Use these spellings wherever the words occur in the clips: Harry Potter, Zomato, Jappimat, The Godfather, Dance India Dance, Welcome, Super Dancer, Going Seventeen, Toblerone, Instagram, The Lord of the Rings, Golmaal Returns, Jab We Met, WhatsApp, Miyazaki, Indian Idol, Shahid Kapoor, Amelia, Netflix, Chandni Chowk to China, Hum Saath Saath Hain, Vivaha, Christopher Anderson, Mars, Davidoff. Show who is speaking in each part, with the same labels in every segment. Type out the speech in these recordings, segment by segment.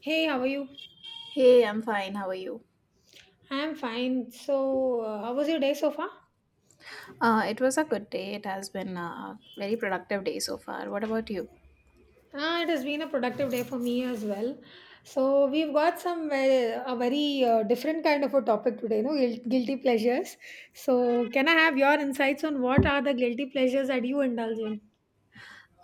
Speaker 1: Hey, how are you?
Speaker 2: Hey, I'm fine. How are you?
Speaker 1: I'm fine. So, how was your day so far?
Speaker 2: It was a good day. It has been a very productive day so far. What about you?
Speaker 1: Ah, it has been a productive day for me as well. So, we've got some a very different kind of a topic today, guilty pleasures. So, can I have your insights on what are the guilty pleasures that you indulge in?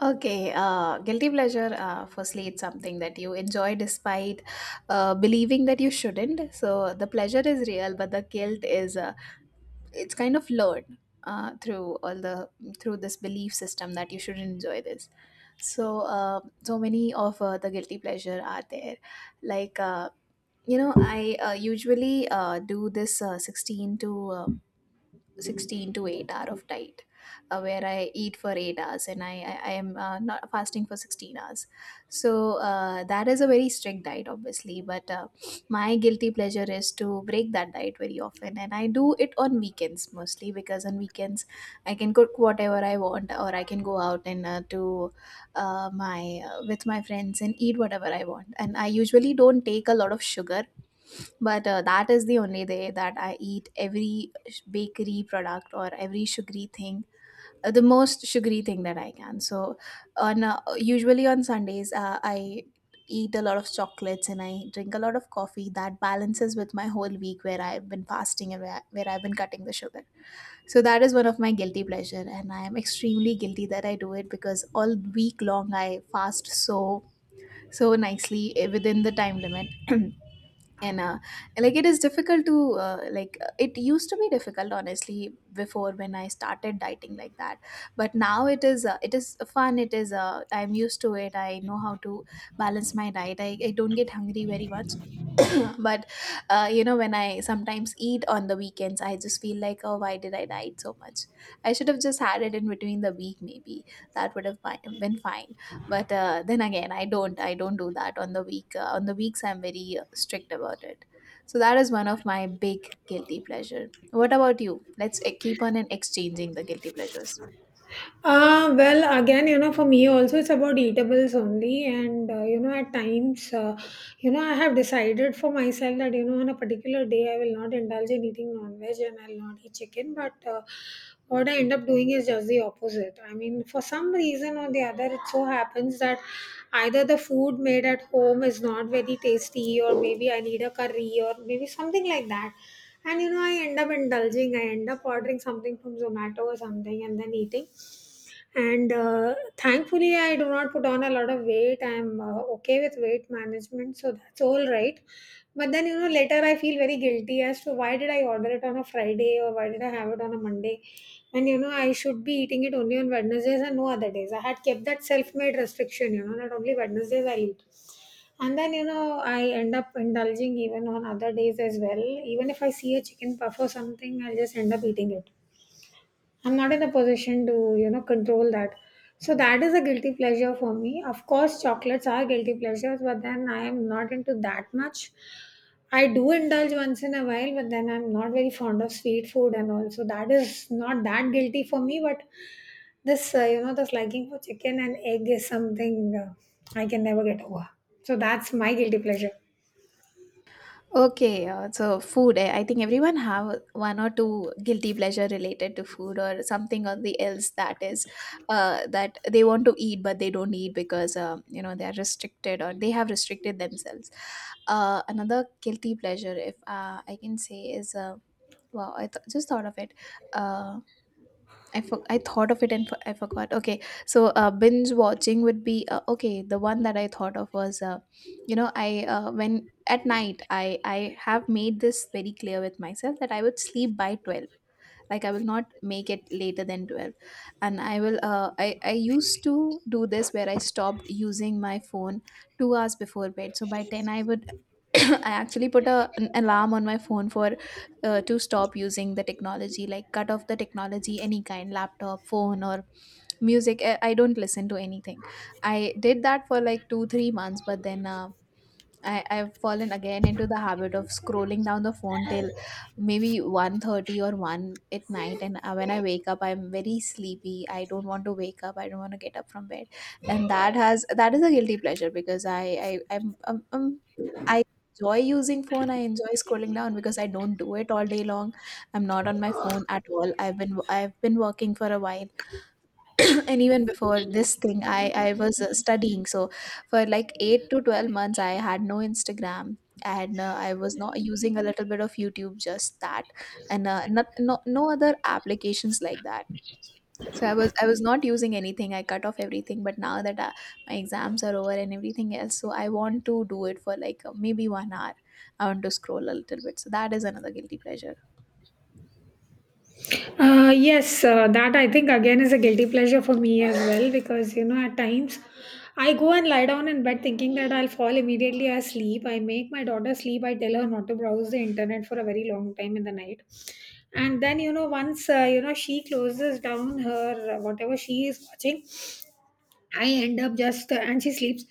Speaker 2: Okay, guilty pleasure. Firstly, it's something that you enjoy despite believing that you shouldn't. So the pleasure is real, but the guilt is, it's kind of learned through all the through this belief system that you should enjoy this. So so many of the guilty pleasure are there, like. I usually do this 16 to 8 hour of diet, where I eat for 8 hours, and I am not fasting for 16 hours. So, that is a very strict diet, obviously, but my guilty pleasure is to break that diet very often. And I do it on weekends mostly, because on weekends I can cook whatever I want, or I can go out and to my with my friends and eat whatever I want. And I usually don't take a lot of sugar, but that is the only day that I eat every bakery product or every sugary thing, the most sugary thing that I can. So, on usually on Sundays, I eat a lot of chocolates and I drink a lot of coffee. That balances with my whole week, where I've been fasting and where I've been cutting the sugar. So that is one of my guilty pleasure, and I am extremely guilty that I do it, because all week long I fast so nicely, within the time limit. And like it is difficult to like it used to be difficult, honestly, before, when I started dieting like that. But now it is fun. It is I'm used to it. I know how to balance my diet. I don't get hungry very much. But when I sometimes eat on the weekends, I just feel like, oh, why did I diet so much? I should have just had it in between the week. Maybe that would have been fine. But then again, I don't do that on the week. On the weeks, I'm very strict about it. So that is one of my big guilty pleasure. What about you? Let's keep on and exchanging the guilty pleasures.
Speaker 1: Well, again, for me also, it's about eatables only. And, at times, I have decided for myself that, on a particular day, I will not indulge in eating non veg and I'll not eat chicken. But what I end up doing is just the opposite. I mean, for some reason or the other, it so happens that either the food made at home is not very tasty, or maybe I need a curry, or maybe something like that. And, I end up indulging, I end up ordering something from Zomato or something and then eating, and thankfully I do not put on a lot of weight. I'm okay with weight management, so that's all right. But then later I feel very guilty as to why did I order it on a Friday or why did I have it on a Monday. And I should be eating it only on Wednesdays and no other days. I had kept that self-made restriction, that only Wednesdays I eat, and then I end up indulging even on other days as well. Even if I see a chicken puff or something, I'll just end up eating it. I'm not in a position to, control that. So that is a guilty pleasure for me. Of course, chocolates are guilty pleasures, but then I am not into that much. I do indulge once in a while, but then I'm not very fond of sweet food and all. So that is not that guilty for me, but this liking for chicken and egg is something I can never get over. So that's my guilty pleasure.
Speaker 2: Okay, so, food. I think everyone have one or two guilty pleasure related to food, or something or the else, that is, that they want to eat but they don't eat, because they are restricted, or they have restricted themselves. Another guilty pleasure, if I can say, is, wow, I just thought of it. Uh, I thought of it, and I forgot. Okay, so binge watching would be, okay. The one that I thought of was, you know, I when at night I have made this very clear with myself that I would sleep by 12. Like, I will not make it later than 12, and I will. I used to do this where I stopped using my phone 2 hours before bed. So by 10 I would. I actually put an alarm on my phone, for to stop using the technology, like cut off the technology, any kind, laptop, phone, or music. I don't listen to anything. I did that for like two, 3 months, but then I've fallen again into the habit of scrolling down the phone till maybe 1:30 or 1 at night. And when I wake up I'm very sleepy. I don't want to wake up, I don't want to get up from bed, and that is a guilty pleasure, because I enjoy using phone. I enjoy scrolling down, because I don't do it all day long. I'm not on my phone at all. I've been working for a while. And even before this thing, I was studying. So for like 8 to 12 months I had no Instagram, and I was not using, a little bit of YouTube, just that. And not, no other applications like that. So I was not using anything. I cut off everything. But now that my exams are over and everything else, so I want to do it for like, maybe 1 hour. I want to scroll a little bit. So that is another guilty pleasure.
Speaker 1: Yes, that I think again is a guilty pleasure for me as well, because at times I go and lie down in bed thinking that I'll fall immediately asleep. I make my daughter sleep. I tell her not to browse the internet for a very long time in the night, and then once she closes down her whatever she is watching, I end up just, and she sleeps.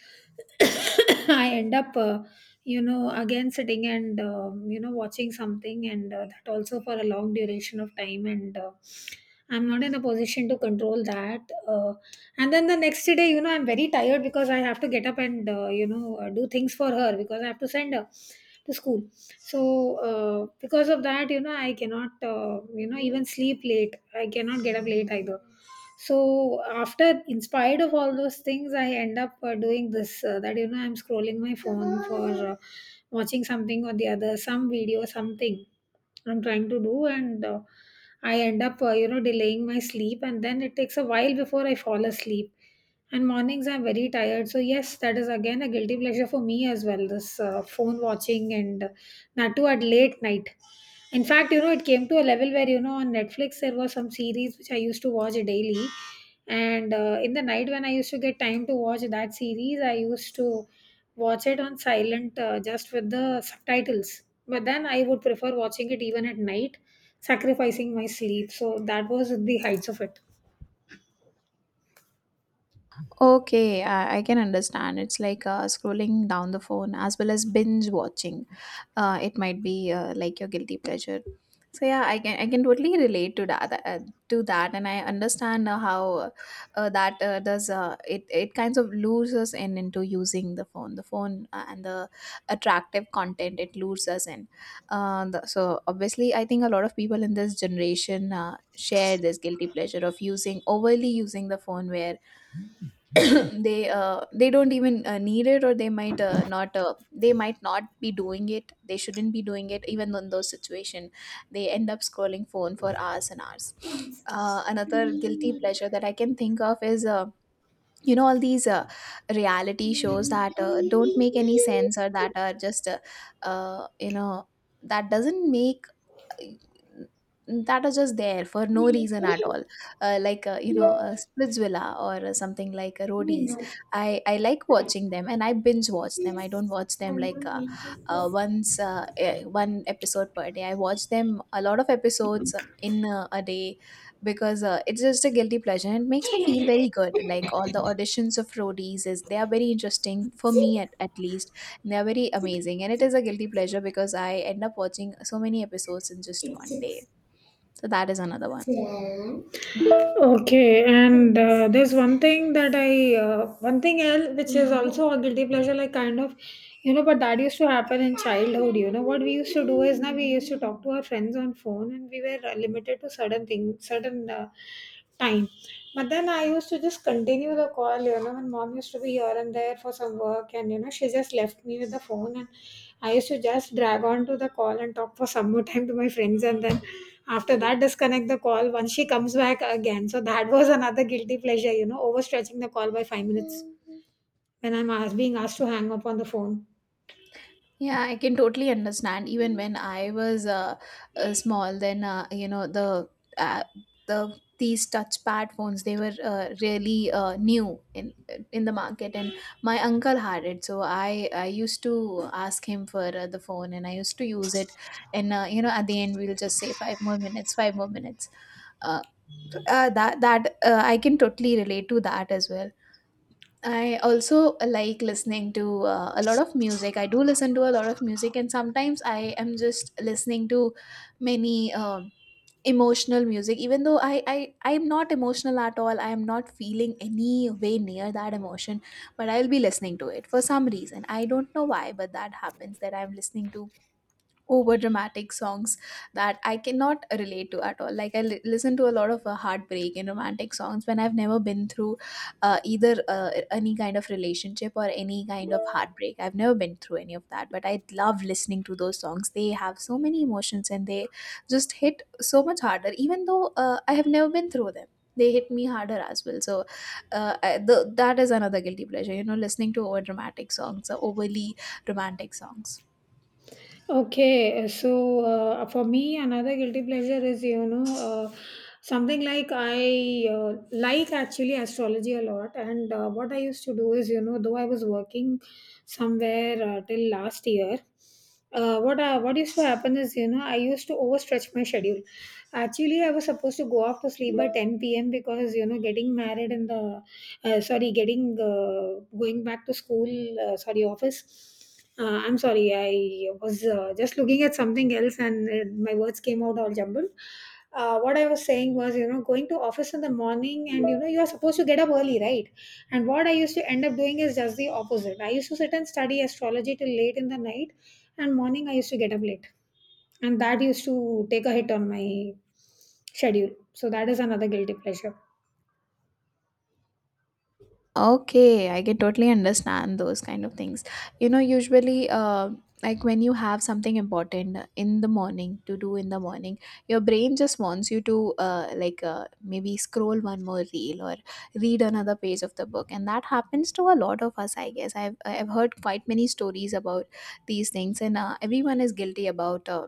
Speaker 1: I end up, again sitting and watching something, and that also for a long duration of time, and I'm not in a position to control that. Uh, and then the next day, I'm very tired because I have to get up and do things for her because I have to send her to school. So because of that, I cannot, even sleep late. I cannot get up late either, so after, in spite of all those things, I end up doing this, that I'm scrolling my phone for watching something or the other, some video, something I'm trying to do, and I end up delaying my sleep, and then it takes a while before I fall asleep. And mornings I'm very tired, so yes, that is again a guilty pleasure for me as well. This phone watching, and that too at late night. In fact, it came to a level where, on Netflix there were some series which I used to watch daily. And in the night when I used to get time to watch that series, I used to watch it on silent, just with the subtitles. But then I would prefer watching it even at night, sacrificing my sleep. So that was the heights of it.
Speaker 2: Okay, I can understand. It's like scrolling down the phone, as well as binge watching. It might be, like, your guilty pleasure. So yeah, I can totally relate to that, and I understand how that does it kinds of lures us in, into using the phone, the phone, and the attractive content, it lures us in. So obviously, I think a lot of people in this generation share this guilty pleasure of using overly using the phone, where they don't even need it, or they might, not, they might not be doing it, they shouldn't be doing it, even in those situation. They end up scrolling phone for hours and hours. Another guilty pleasure that I can think of is, all these reality shows that don't make any sense, or that are just, you know that doesn't make that are just there for no reason at all. Like, Splitsvilla, or something like, Roadies. I like watching them, and I binge watch them. I don't watch them like, once, one episode per day. I watch them a lot of episodes in a day, because it's just a guilty pleasure, and it makes me feel
Speaker 1: Six,
Speaker 2: very good. Like, all the auditions of Roadies is, they are very interesting for me, at least. They're very amazing, and it is a guilty pleasure, because I end up watching so many episodes in just one
Speaker 1: six,
Speaker 2: day. So that is another one.
Speaker 1: seven. Okay, and there's one thing that one thing else which is also a guilty pleasure, like kind of, but that used to happen in childhood. What we used to do is, now we used to talk to our friends on phone, and we were limited to certain things, certain time. But then I used to just continue the call, when mom used to be here and there for some work, and she just left me with the phone, and I used to just drag on to the call and talk for some more time to my friends, and then after that, disconnect the call once she comes back again. So that was another guilty pleasure, overstretching the call by 5 minutes when being asked to hang up on the phone.
Speaker 2: Yeah, I can totally understand. Even when I was small, then uh, these touchpad phones, they were really new in the market, and my uncle had it, so I used to ask him for the phone, and I used to use it, and at the end we'll just say, 5 more minutes, 5 more minutes. Uh, that that I can totally relate to that as well. I also like listening to a lot of music. I do listen to a lot of music, and sometimes I am just listening to many, emotional music. Even though I am not emotional at all, I am not feeling any way near that emotion, but I'll be listening to it for some reason. I don't know why, but that happens, that I'm listening to over dramatic songs that I cannot relate to at all. Like, listen to a lot of heartbreak and romantic songs, when I've never been through either, any kind of relationship or any kind of heartbreak. I've never been through any of that, but I love listening to those songs. They have so many emotions, and they just hit so much harder, even though I have never been through them. They hit me harder as well. So that is another guilty pleasure, listening to over dramatic songs or overly romantic songs.
Speaker 1: Okay, so for me, another guilty pleasure is, something like, I like actually astrology a lot, and what I used to do is, though I was working somewhere till last year, what used to happen is, I used to overstretch my schedule. Actually, I was supposed to go off to sleep by 10 p.m. because getting married in the sorry, getting going back to school, sorry, office. I'm sorry, I was just looking at something else, and my words came out all jumbled. What I was saying was, going to office in the morning, and you are supposed to get up early, right? And what I used to end up doing is just the opposite. I used to sit and study astrology till late in the night, and morning I used to get up late, and that used to take a hit on my schedule. So that is another guilty pleasure.
Speaker 2: Okay, I can totally understand those kind of things. Usually, like when you have something important in the morning to do in the morning, your brain just wants you to, like, maybe scroll one more reel, or read another page of the book, and that happens to a lot of us, I guess. I've heard quite many stories about these things, and everyone is guilty about.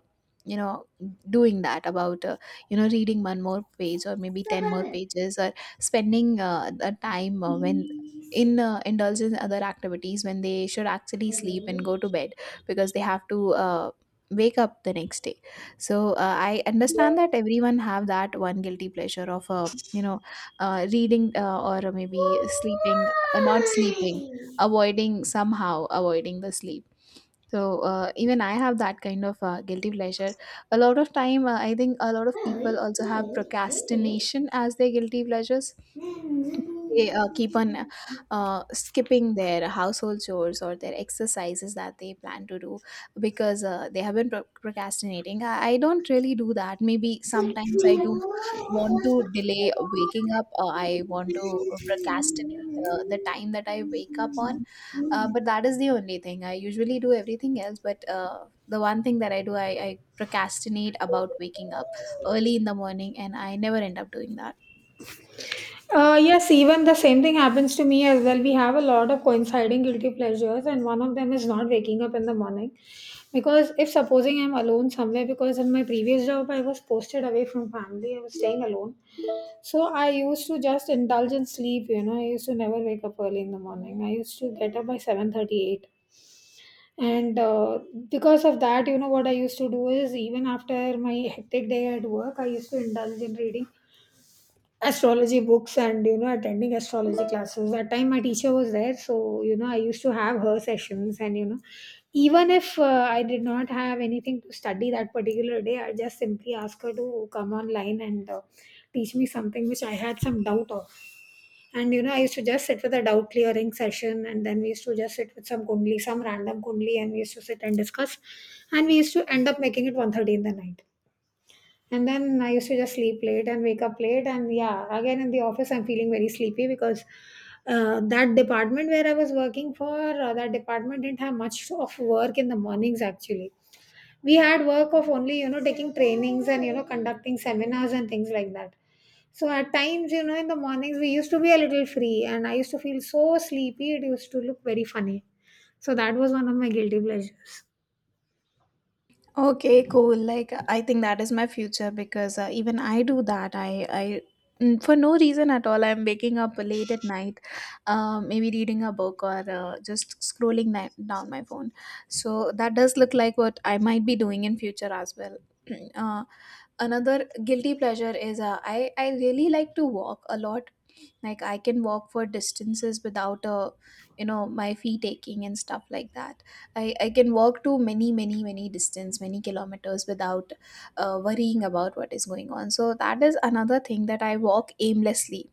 Speaker 2: you know doing that, about reading one more page or maybe 10 more pages, or spending the time when in indulge in other activities when they should actually
Speaker 1: Thầy
Speaker 2: sleep and
Speaker 1: đấy.
Speaker 2: go to bed because they have to wake up the next day. So I
Speaker 1: Ôi!
Speaker 2: understand that everyone have that one guilty pleasure of reading or maybe sleeping, not sleeping, avoiding, somehow avoiding the sleep. So even I have that kind of guilty pleasure a lot of time. I think a lot
Speaker 1: Má
Speaker 2: of
Speaker 1: ơi,
Speaker 2: people also
Speaker 1: má
Speaker 2: have
Speaker 1: ơi, má ơi.
Speaker 2: procrastination as their guilty pleasures. They keep on skipping their household chores or their exercises that they plan to do because they have been procrastinating. I don't really do that. Maybe
Speaker 1: Rất
Speaker 2: sometimes I
Speaker 1: nhiều
Speaker 2: do
Speaker 1: quá, quá
Speaker 2: want to
Speaker 1: sức
Speaker 2: delay waking up. I want to procrastinate. The time that I wake up on,
Speaker 1: quá.
Speaker 2: but that is the only thing. I usually do everything else, but the one thing that I do, I procrastinate about waking up early in the morning, and I never end up doing that.
Speaker 1: Yes, even the same thing happens to me as well. We have a lot of coinciding guilty pleasures, and one of them is not waking up in the morning. Because if supposing I'm alone somewhere, because in my previous job I was posted away from family, I was staying alone. So I used to just indulge in sleep. I used to never wake up early in the morning. I used to get up by 7:38. And because of that, what I used to do is, even after my hectic day at work, I used to indulge in reading astrology books, and attending astrology classes. That time my teacher was there, so I used to have her sessions, and even if I did not have anything to study that particular day, I just simply asked her to come online and teach me something which I had some doubt of. And I used to just sit with a doubt clearing session, and then we used to just sit with some kundli, some random kundli, and we used to sit and discuss, and we used to end up making it 1:30 in the night. And then I used to just sleep late and wake up late. And yeah, again in the office, I'm feeling very sleepy, because that department where I was working for, that department didn't have much of work in the mornings actually. We had work of only, taking trainings and, conducting seminars and things like that. So at times, in the mornings, we used to be a little free and I used to feel so sleepy. It used to look very funny. So that was one of my guilty pleasures.
Speaker 2: Okay, cool. Like, I think that is my future because even I do that. For no reason at all, I'm waking up late at night, maybe reading a book or just scrolling down my phone. So that does look like what I might be doing in future as well. uh, Another guilty pleasure is I really like to walk a lot. Like, I can walk for distances without a you know my feet aching and stuff like that. I can walk to many distance, many kilometers without worrying about what is going on. So that is another thing, that I walk aimlessly.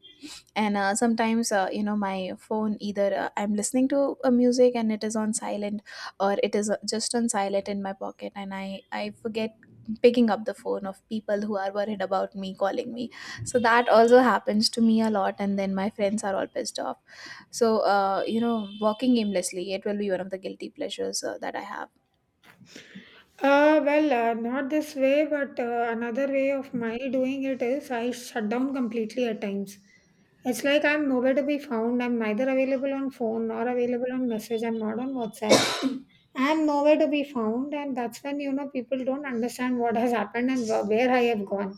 Speaker 2: And sometimes, my phone, either I'm listening to a music and it is on silent, or it is just on silent in my pocket, and I forget picking up the phone of people who are worried about me, calling me. So that also happens to me a lot, and then my friends are all pissed off. So walking aimlessly, it will be one of the guilty pleasures that I have.
Speaker 1: Well, not this way, but another way of my doing it is, I shut down completely at times. It's like I'm nowhere to be found. I'm neither available on phone nor available on message. I'm not on WhatsApp. I'm nowhere to be found, and that's when people don't understand what has happened and where I have gone,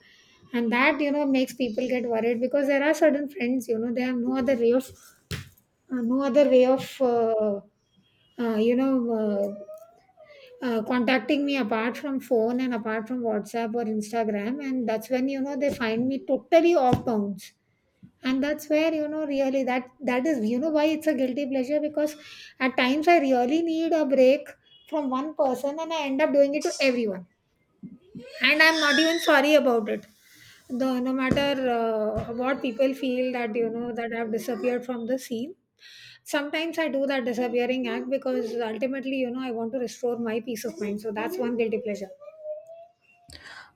Speaker 1: and that makes people get worried, because there are certain friends, they have no other way of, no other way of you know. Uh, contacting me, apart from phone and apart from WhatsApp or Instagram, and that's when they find me totally off bounds. And that's where you know really that is you know why it's a guilty pleasure because at times I really need a break from one person and I end up doing it to everyone, and I'm not even sorry about it. The no matter what people feel that you know that I've disappeared from the scene. Sometimes I do that disappearing act because ultimately you know I want to restore my peace of mind. So that's one guilty pleasure.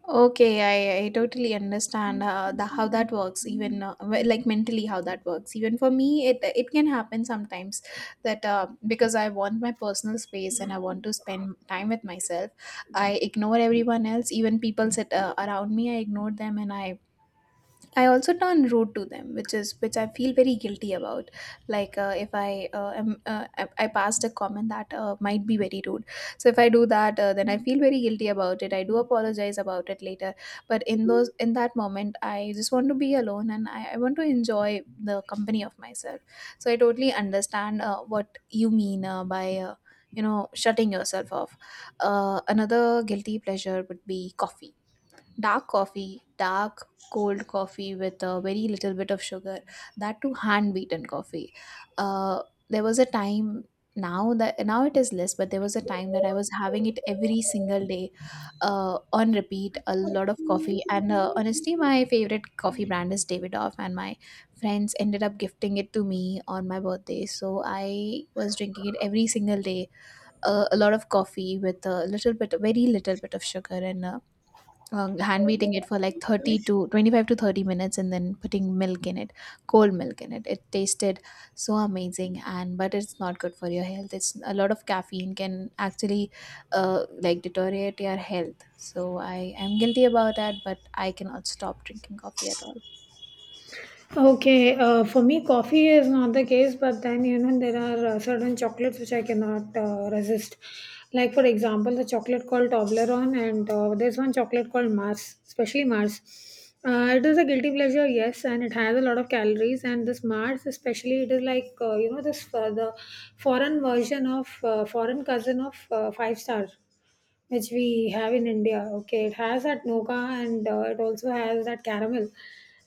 Speaker 2: Okay, I totally understand how that works, even like mentally how that works. Even for me, it can happen sometimes that because I want my personal space and I want to spend time with myself, I ignore everyone else. Even people sit around me, I ignore them, and I also turn rude to them, which I feel very guilty about. Like if I passed a comment that might be very rude, so if I do that, then I feel very guilty about it. I do apologize about it later, but in that moment, I just want to be alone, and I want to enjoy the company of myself. So I totally understand what you mean by shutting yourself off. Another guilty pleasure would be coffee, dark coffee, dark cold coffee with a very little bit of sugar, that too hand beaten coffee. Uh, there was a time, now it is less, but there was a time that I was having it every single day, on repeat, a lot of coffee. And honestly, my favorite coffee brand is Davidoff, and my friends ended up gifting it to me on my birthday. So I was drinking it every single day, a lot of coffee with a little bit, very little bit of sugar, and. Hand beating it for like 30 to 25 to 30 minutes, and then putting milk in it, cold milk in it. It tasted so amazing. And But it's not good for your health. It's a lot of caffeine, can actually like deteriorate your health. So I am guilty about that, but I cannot stop drinking coffee at all.
Speaker 1: Okay, for me, coffee is not the case, but then you know there are certain chocolates which I cannot resist. Like for example, the chocolate called Toblerone, and there's one chocolate called Mars, especially Mars. It is a guilty pleasure, yes, and it has a lot of calories. And this Mars, especially, it is like you know this the foreign version of foreign cousin of five-star which we have in India. Okay, it has that noga and it also has that caramel,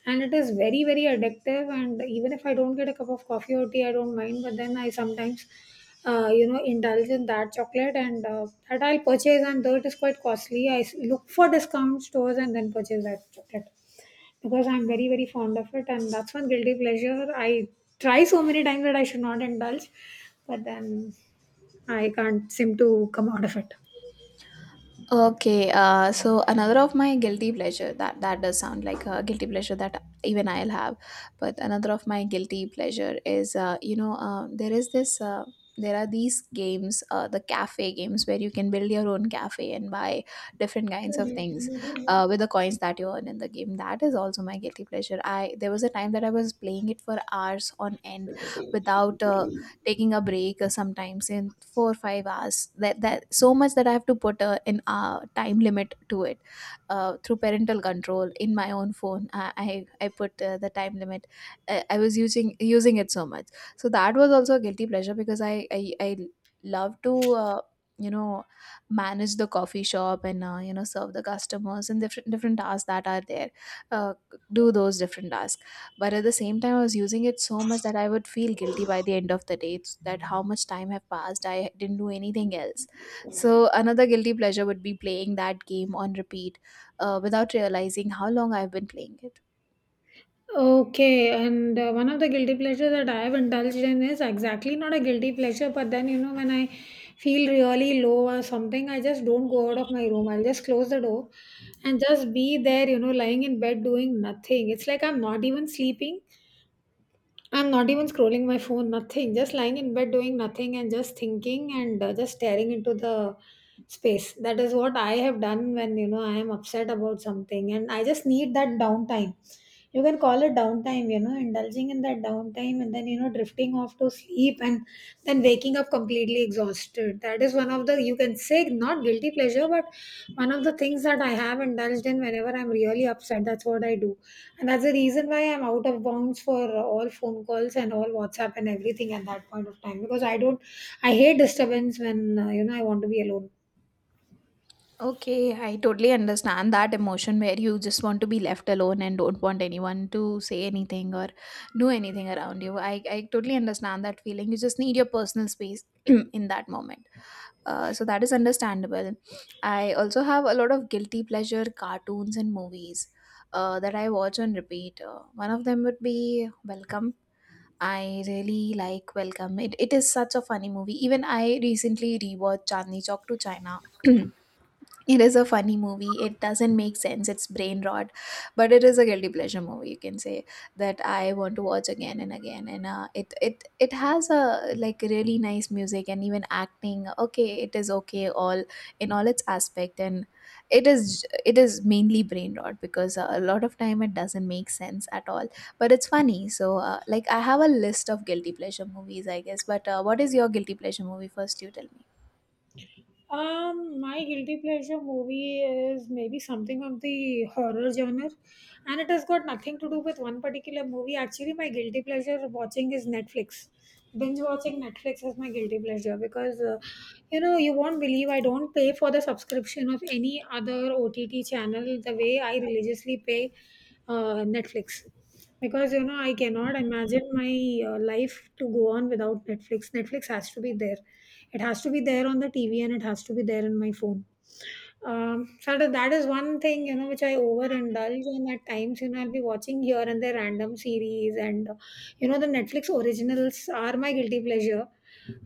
Speaker 1: and it is very very addictive. And even if I don't get a cup of coffee or tea, I don't mind. But then I sometimes, you know, indulge in that chocolate, and that I'll purchase, and though it is quite costly, look for discount stores and then purchase that chocolate because I'm very very fond of it, and that's one guilty pleasure. I try so many times that I should not indulge, but then I can't seem to come out of it.
Speaker 2: Okay, so another of my guilty pleasure, that does sound like a guilty pleasure that even I'll have, but another of my guilty pleasure is there is this there are these games, the cafe games, where you can build your own cafe and buy different kinds of things with the coins that you earn in the game. That is also my guilty pleasure. I, there was a time that I was playing it for hours on end without taking a break, sometimes in 4 or 5 hours. That so much, that I have to put a an time limit to it through parental control in my own phone. I put the time limit. I was using it so much. So that was also a guilty pleasure, because I love to uh, you know manage the coffee shop and serve the customers, and different tasks that are there, uh, do those different tasks. But at the same time, I was using it so much that I would feel guilty by the end of the day. It's that How much time have passed, I didn't do anything else. So another guilty pleasure would be playing that game on repeat, without realizing how long I've been playing it.
Speaker 1: Okay, and one of the guilty pleasures that I have indulged in is exactly not a guilty pleasure, but then you know when I feel really low or something, I just don't go out of my room. I'll just close the door and just be there, you know, lying in bed doing nothing. It's like I'm not even sleeping. I'm not even scrolling my phone, nothing. Just lying in bed doing nothing and just thinking and just staring into the space. That is what I have done when you know I am upset about something and I just need that downtime. You can call it downtime, you know, indulging in that downtime and then you know drifting off to sleep and then waking up completely exhausted. That is one of the, you can say, not guilty pleasure, but one of the things that I have indulged in whenever I'm really upset. That's what I do. And that's the reason why I'm out of bounds for all phone calls and all WhatsApp and everything at that point of time because I don't, I hate disturbance when, you know, I want to be alone.
Speaker 2: Okay, I totally understand that emotion, where you just want to be left alone and don't want anyone to say anything or do anything around you. I totally understand that feeling. You just need your personal space in that moment. So that is understandable. I also have a lot of guilty pleasure cartoons and movies that I watch on repeat. One of them would be Welcome. I really like Welcome. It is such a funny movie. Even I recently rewatched Chandni Chowk to China. It is a funny movie. It doesn't make sense. It's brain rot, but it is a guilty pleasure movie, you can say, that I want to watch again and again. And it has a like really nice music and even acting. Okay, it is okay all in all its aspect, and it is it is mainly brain rot because a lot of time it doesn't make sense at all. But it's funny. So like I have a list of guilty pleasure movies, I guess. But what is your guilty pleasure movie? First, you tell me.
Speaker 1: My guilty pleasure movie is maybe something of the horror genre, and it has got nothing to do with one particular movie. Actually, my guilty pleasure watching is Netflix. Binge watching Netflix is my guilty pleasure because you know you won't believe I don't pay for the subscription of any other OTT channel the way I religiously pay Netflix, because you know I cannot imagine my life to go on without Netflix. Netflix has to be there, it has to be there on the TV and it has to be there in my phone. Shraddha, that is one thing, you know, which I overindulge in at times. You know, I'll be watching here and there random series, and you know, the Netflix originals are my guilty pleasure.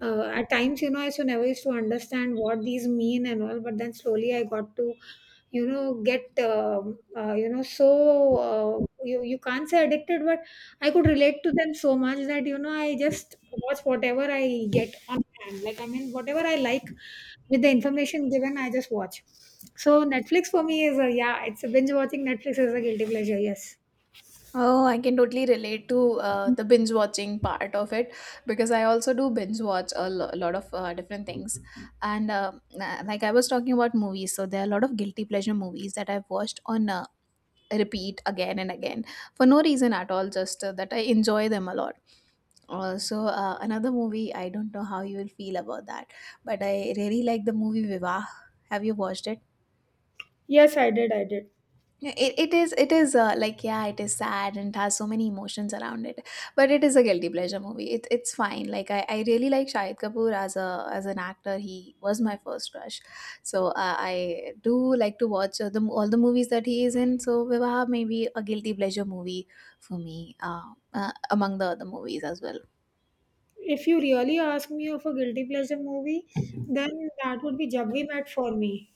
Speaker 1: At times, you know, I used to never used to understand what these mean and all, but then slowly I got to, you know, get, you know, so you can't say addicted, but I could relate to them so much that you know I just watch whatever I get on hand. Like I mean, whatever I like with the information given I just watch. So Netflix for me is a, yeah, it's a, binge watching Netflix is a guilty pleasure, yes.
Speaker 2: Oh, I can totally relate to the binge watching part of it, because I also do binge watch a lot of different things. And like I was talking about movies, so there are a lot of guilty pleasure movies that I've watched on repeat again and again for no reason at all, just that I enjoy them a lot. Also, another movie, I don't know how you will feel about that, but I really like the movie Viva. Have you watched it?
Speaker 1: Yes, I did. I did.
Speaker 2: Yeah, it is, like, yeah, it is sad and it has so many emotions around it, but it is a guilty pleasure movie. It's fine. Like, I really like Shahid Kapoor as a as an actor. He was my first crush, so I do like to watch all the movies that he is in. So Vivaha may be a guilty pleasure movie for me, among the other movies as well.
Speaker 1: If you really ask me of a guilty pleasure movie, then that would be Jab We Met for me,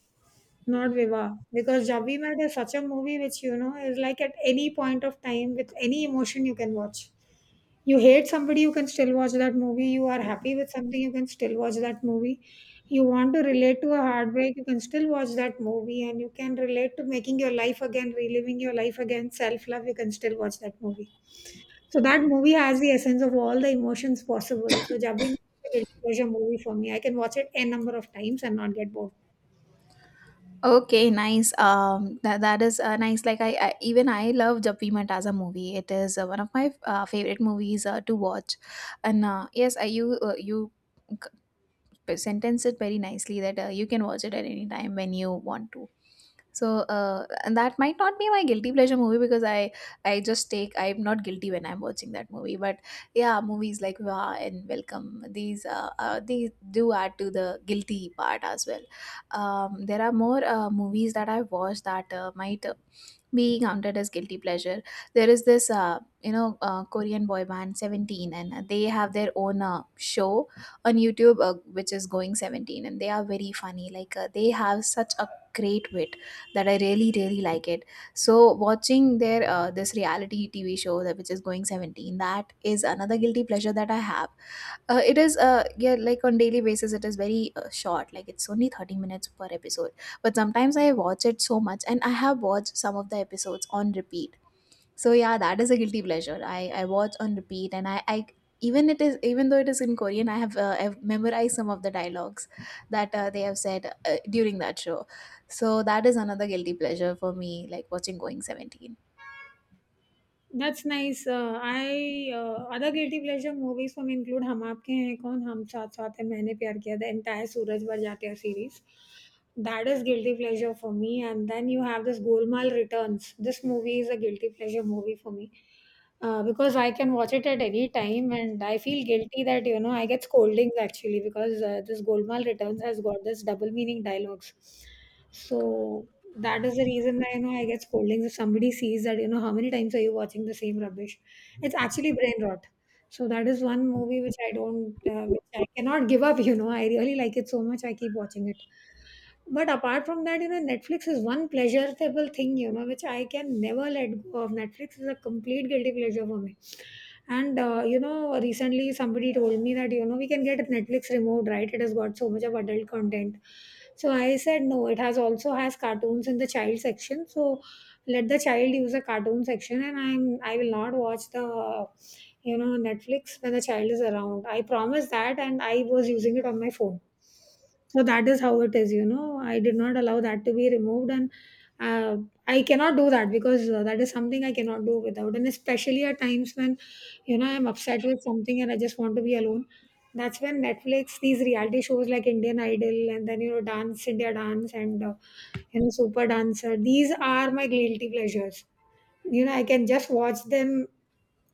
Speaker 1: not Viva. Because Jab We Met is such a movie which, you know, is like at any point of time with any emotion you can watch. You hate somebody, you can still watch that movie. You are happy with something, you can still watch that movie. You want to relate to a heartbreak, you can still watch that movie. And you can relate to making your life again, reliving your life again, self love, you can still watch that movie. So that movie has the essence of all the emotions possible. So Jabbi Masti is a movie for me. I can watch it n number of times and not get bored.
Speaker 2: Okay, nice. That is nice. Like, even I love Jappimat as a movie. It is one of my favorite movies to watch, and yes, you c- sentence it very nicely that you can watch it at any time when you want to. So and that might not be my guilty pleasure movie, because I just take, I'm not guilty when I'm watching that movie. But yeah, movies like Wah and Welcome, these do add to the guilty part as well. There are more movies that I've watched that might be counted as guilty pleasure. There is this, Korean boy band Seventeen, and they have their own show on YouTube, which is Going Seventeen, and they are very funny. Like they have such a great wit that I really like it. So watching their this reality TV show, that which is Going 17, that is another guilty pleasure that I have. It is, uh, yeah, like on daily basis, it is very short, like it's only 30 minutes per episode. But sometimes I watch it so much, and I have watched some of the episodes on repeat. So yeah, that is a guilty pleasure. I watch on repeat, and I even it is even though it is in Korean, I have I've memorized some of the dialogues that they have said during that show. So that is another guilty pleasure for me, like watching Going Seventeen.
Speaker 1: That's nice. I other guilty pleasure movies for me include हम आपके हैं कौन, हम साथ साथ हैं, मैंने प्यार किया, the entire सूरज भर जाते series. That is guilty pleasure for me. And then you have this Golmaal Returns. This movie is a guilty pleasure movie for me, because I can watch it at any time, and I feel guilty that you know I get scoldings actually because this Golmaal Returns has got this double meaning dialogues. So that is the reason that you know I get scoldings if somebody sees that, you know, how many times are you watching the same rubbish. It's actually brain rot. So that is one movie which I don't, which I cannot give up. You know, I really like it so much. I keep watching it. But apart from that, you know, Netflix is one pleasurable thing, you know, which I can never let go of. Netflix is a complete guilty pleasure for me, and you know, recently somebody told me that, you know, we can get Netflix removed, right? It has got so much of adult content. So I said no. It has also has cartoons in the child section. So let the child use a cartoon section, and I will not watch the, you know, Netflix when the child is around. I promise that, and I was using it on my phone. So that is how it is. You know, I did not allow that to be removed, and uh, I cannot do that because that is something I cannot do without. And especially at times when you know I'm upset with something and I just want to be alone, that's when Netflix, these reality shows like Indian Idol and then you know Dance India Dance and you know Super Dancer, these are my guilty pleasures. You know, I can just watch them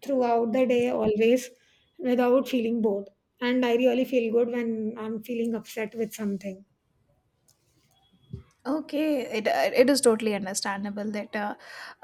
Speaker 1: throughout the day always without feeling bored, and I really feel good when I'm feeling upset with something.
Speaker 2: Okay, it is totally understandable that uh,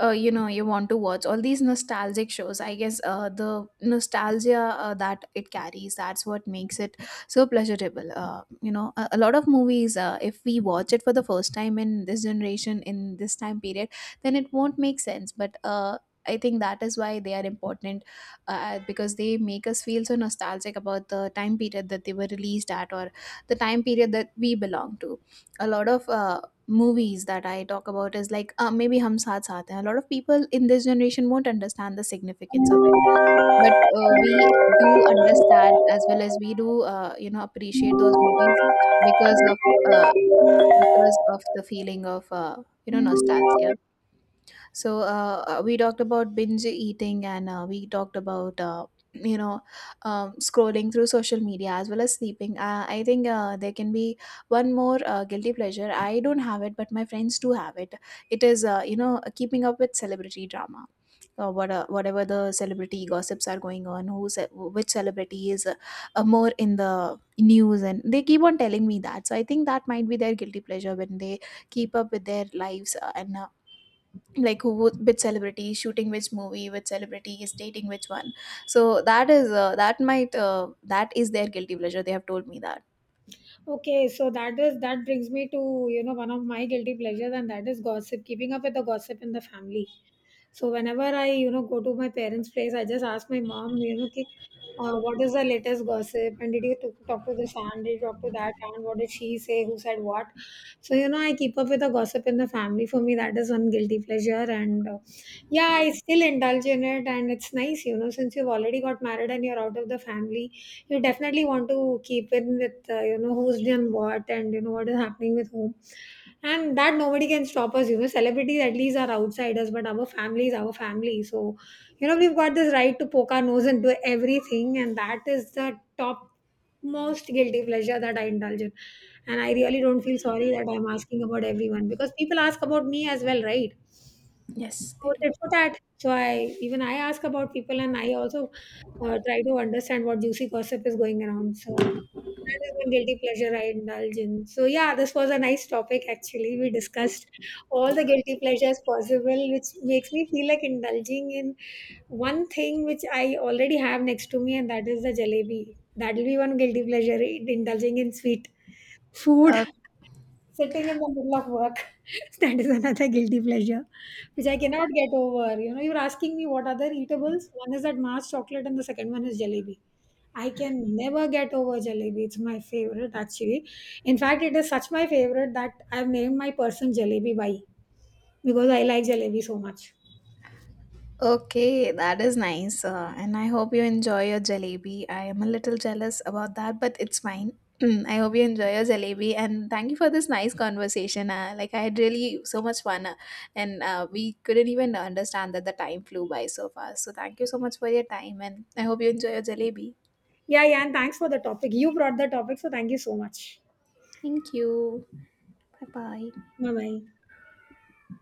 Speaker 2: uh, you know you want to watch all these nostalgic shows. I guess the nostalgia that it carries, that's what makes it so pleasurable. You know, a lot of movies, if we watch it for the first time in this generation, in this time period, then it won't make sense. But I think that is why they are important, because they make us feel so nostalgic about the time period that they were released at, or the time period that we belong to. A lot of movies that I talk about is like, maybe Hum Saath Saath Hain. A lot of people in this generation won't understand the significance of it, but we do understand, as well as we do, you know, appreciate those movies because of uh, because of the feeling of you know, nostalgia. So we talked about binge eating, and we talked about you know scrolling through social media, as well as sleeping. I think there can be one more guilty pleasure. I don't have it, but my friends do have it. It is, keeping up with celebrity drama. Whatever the celebrity gossips are going on, who's which celebrity is more in the news, and they keep on telling me that. So I think that might be their guilty pleasure, when they keep up with their lives. And Like, which celebrity is shooting which movie, which celebrity is dating which one. So that is that is their guilty pleasure. They have told me that.
Speaker 1: Okay, so that is, that brings me to, you know, one of my guilty pleasures, and that is gossip, keeping up with the gossip in the family. So whenever I, you know, go to my parents' place, I just ask my mom, you know, ki, what is the latest gossip? And did you talk to this aunt? Did you talk to that aunt? What did she say? Who said what? So, you know, I keep up with the gossip in the family. For me, that is one guilty pleasure. And yeah, I still indulge in it. And it's nice, you know, since you've already got married and you're out of the family, you definitely want to keep in with, you know, who's done what and, you know, what is happening with whom. And that nobody can stop us, you know. Celebrities at least are outsiders, but our family is our family. So, you know, we've got this right to poke our nose into everything, and that is the top most guilty pleasure that I indulge in. And I really don't feel sorry that I'm asking about everyone because people ask about me as well, right?
Speaker 2: Yes, they
Speaker 1: So
Speaker 2: do.
Speaker 1: tit for tat. So I, even I ask about people, and I also try to understand what juicy gossip is going around. So that is one guilty pleasure I indulge in. So yeah, this was a nice topic actually. We discussed all the guilty pleasures possible, which makes me feel like indulging in one thing which I already have next to me, and that is the jalebi. That'll be one guilty pleasure, indulging in sweet food,
Speaker 2: uh,
Speaker 1: sitting in the middle of work. That is another guilty pleasure, which I cannot get over. You know, you're asking me what other eatables. One is that Mars chocolate, and the second one is jalebi. I can never get over jalebi. It's my favorite actually. In fact, it is such my favorite that I've named my person Jalebi Bai because I like jalebi so much.
Speaker 2: okay, that is nice, and I hope you enjoy your jalebi. I am a little jealous about that, but it's fine. I hope you enjoy your jalebi, and thank you for this nice conversation. Like, I had really so much fun, and we couldn't even understand that the time flew by so fast. So thank you so much for your time, and I hope you enjoy your jalebi.
Speaker 1: Yeah, yeah, and thanks for the topic. You brought the topic, so thank you so much.
Speaker 2: Thank you. 拜拜。
Speaker 1: Bye bye.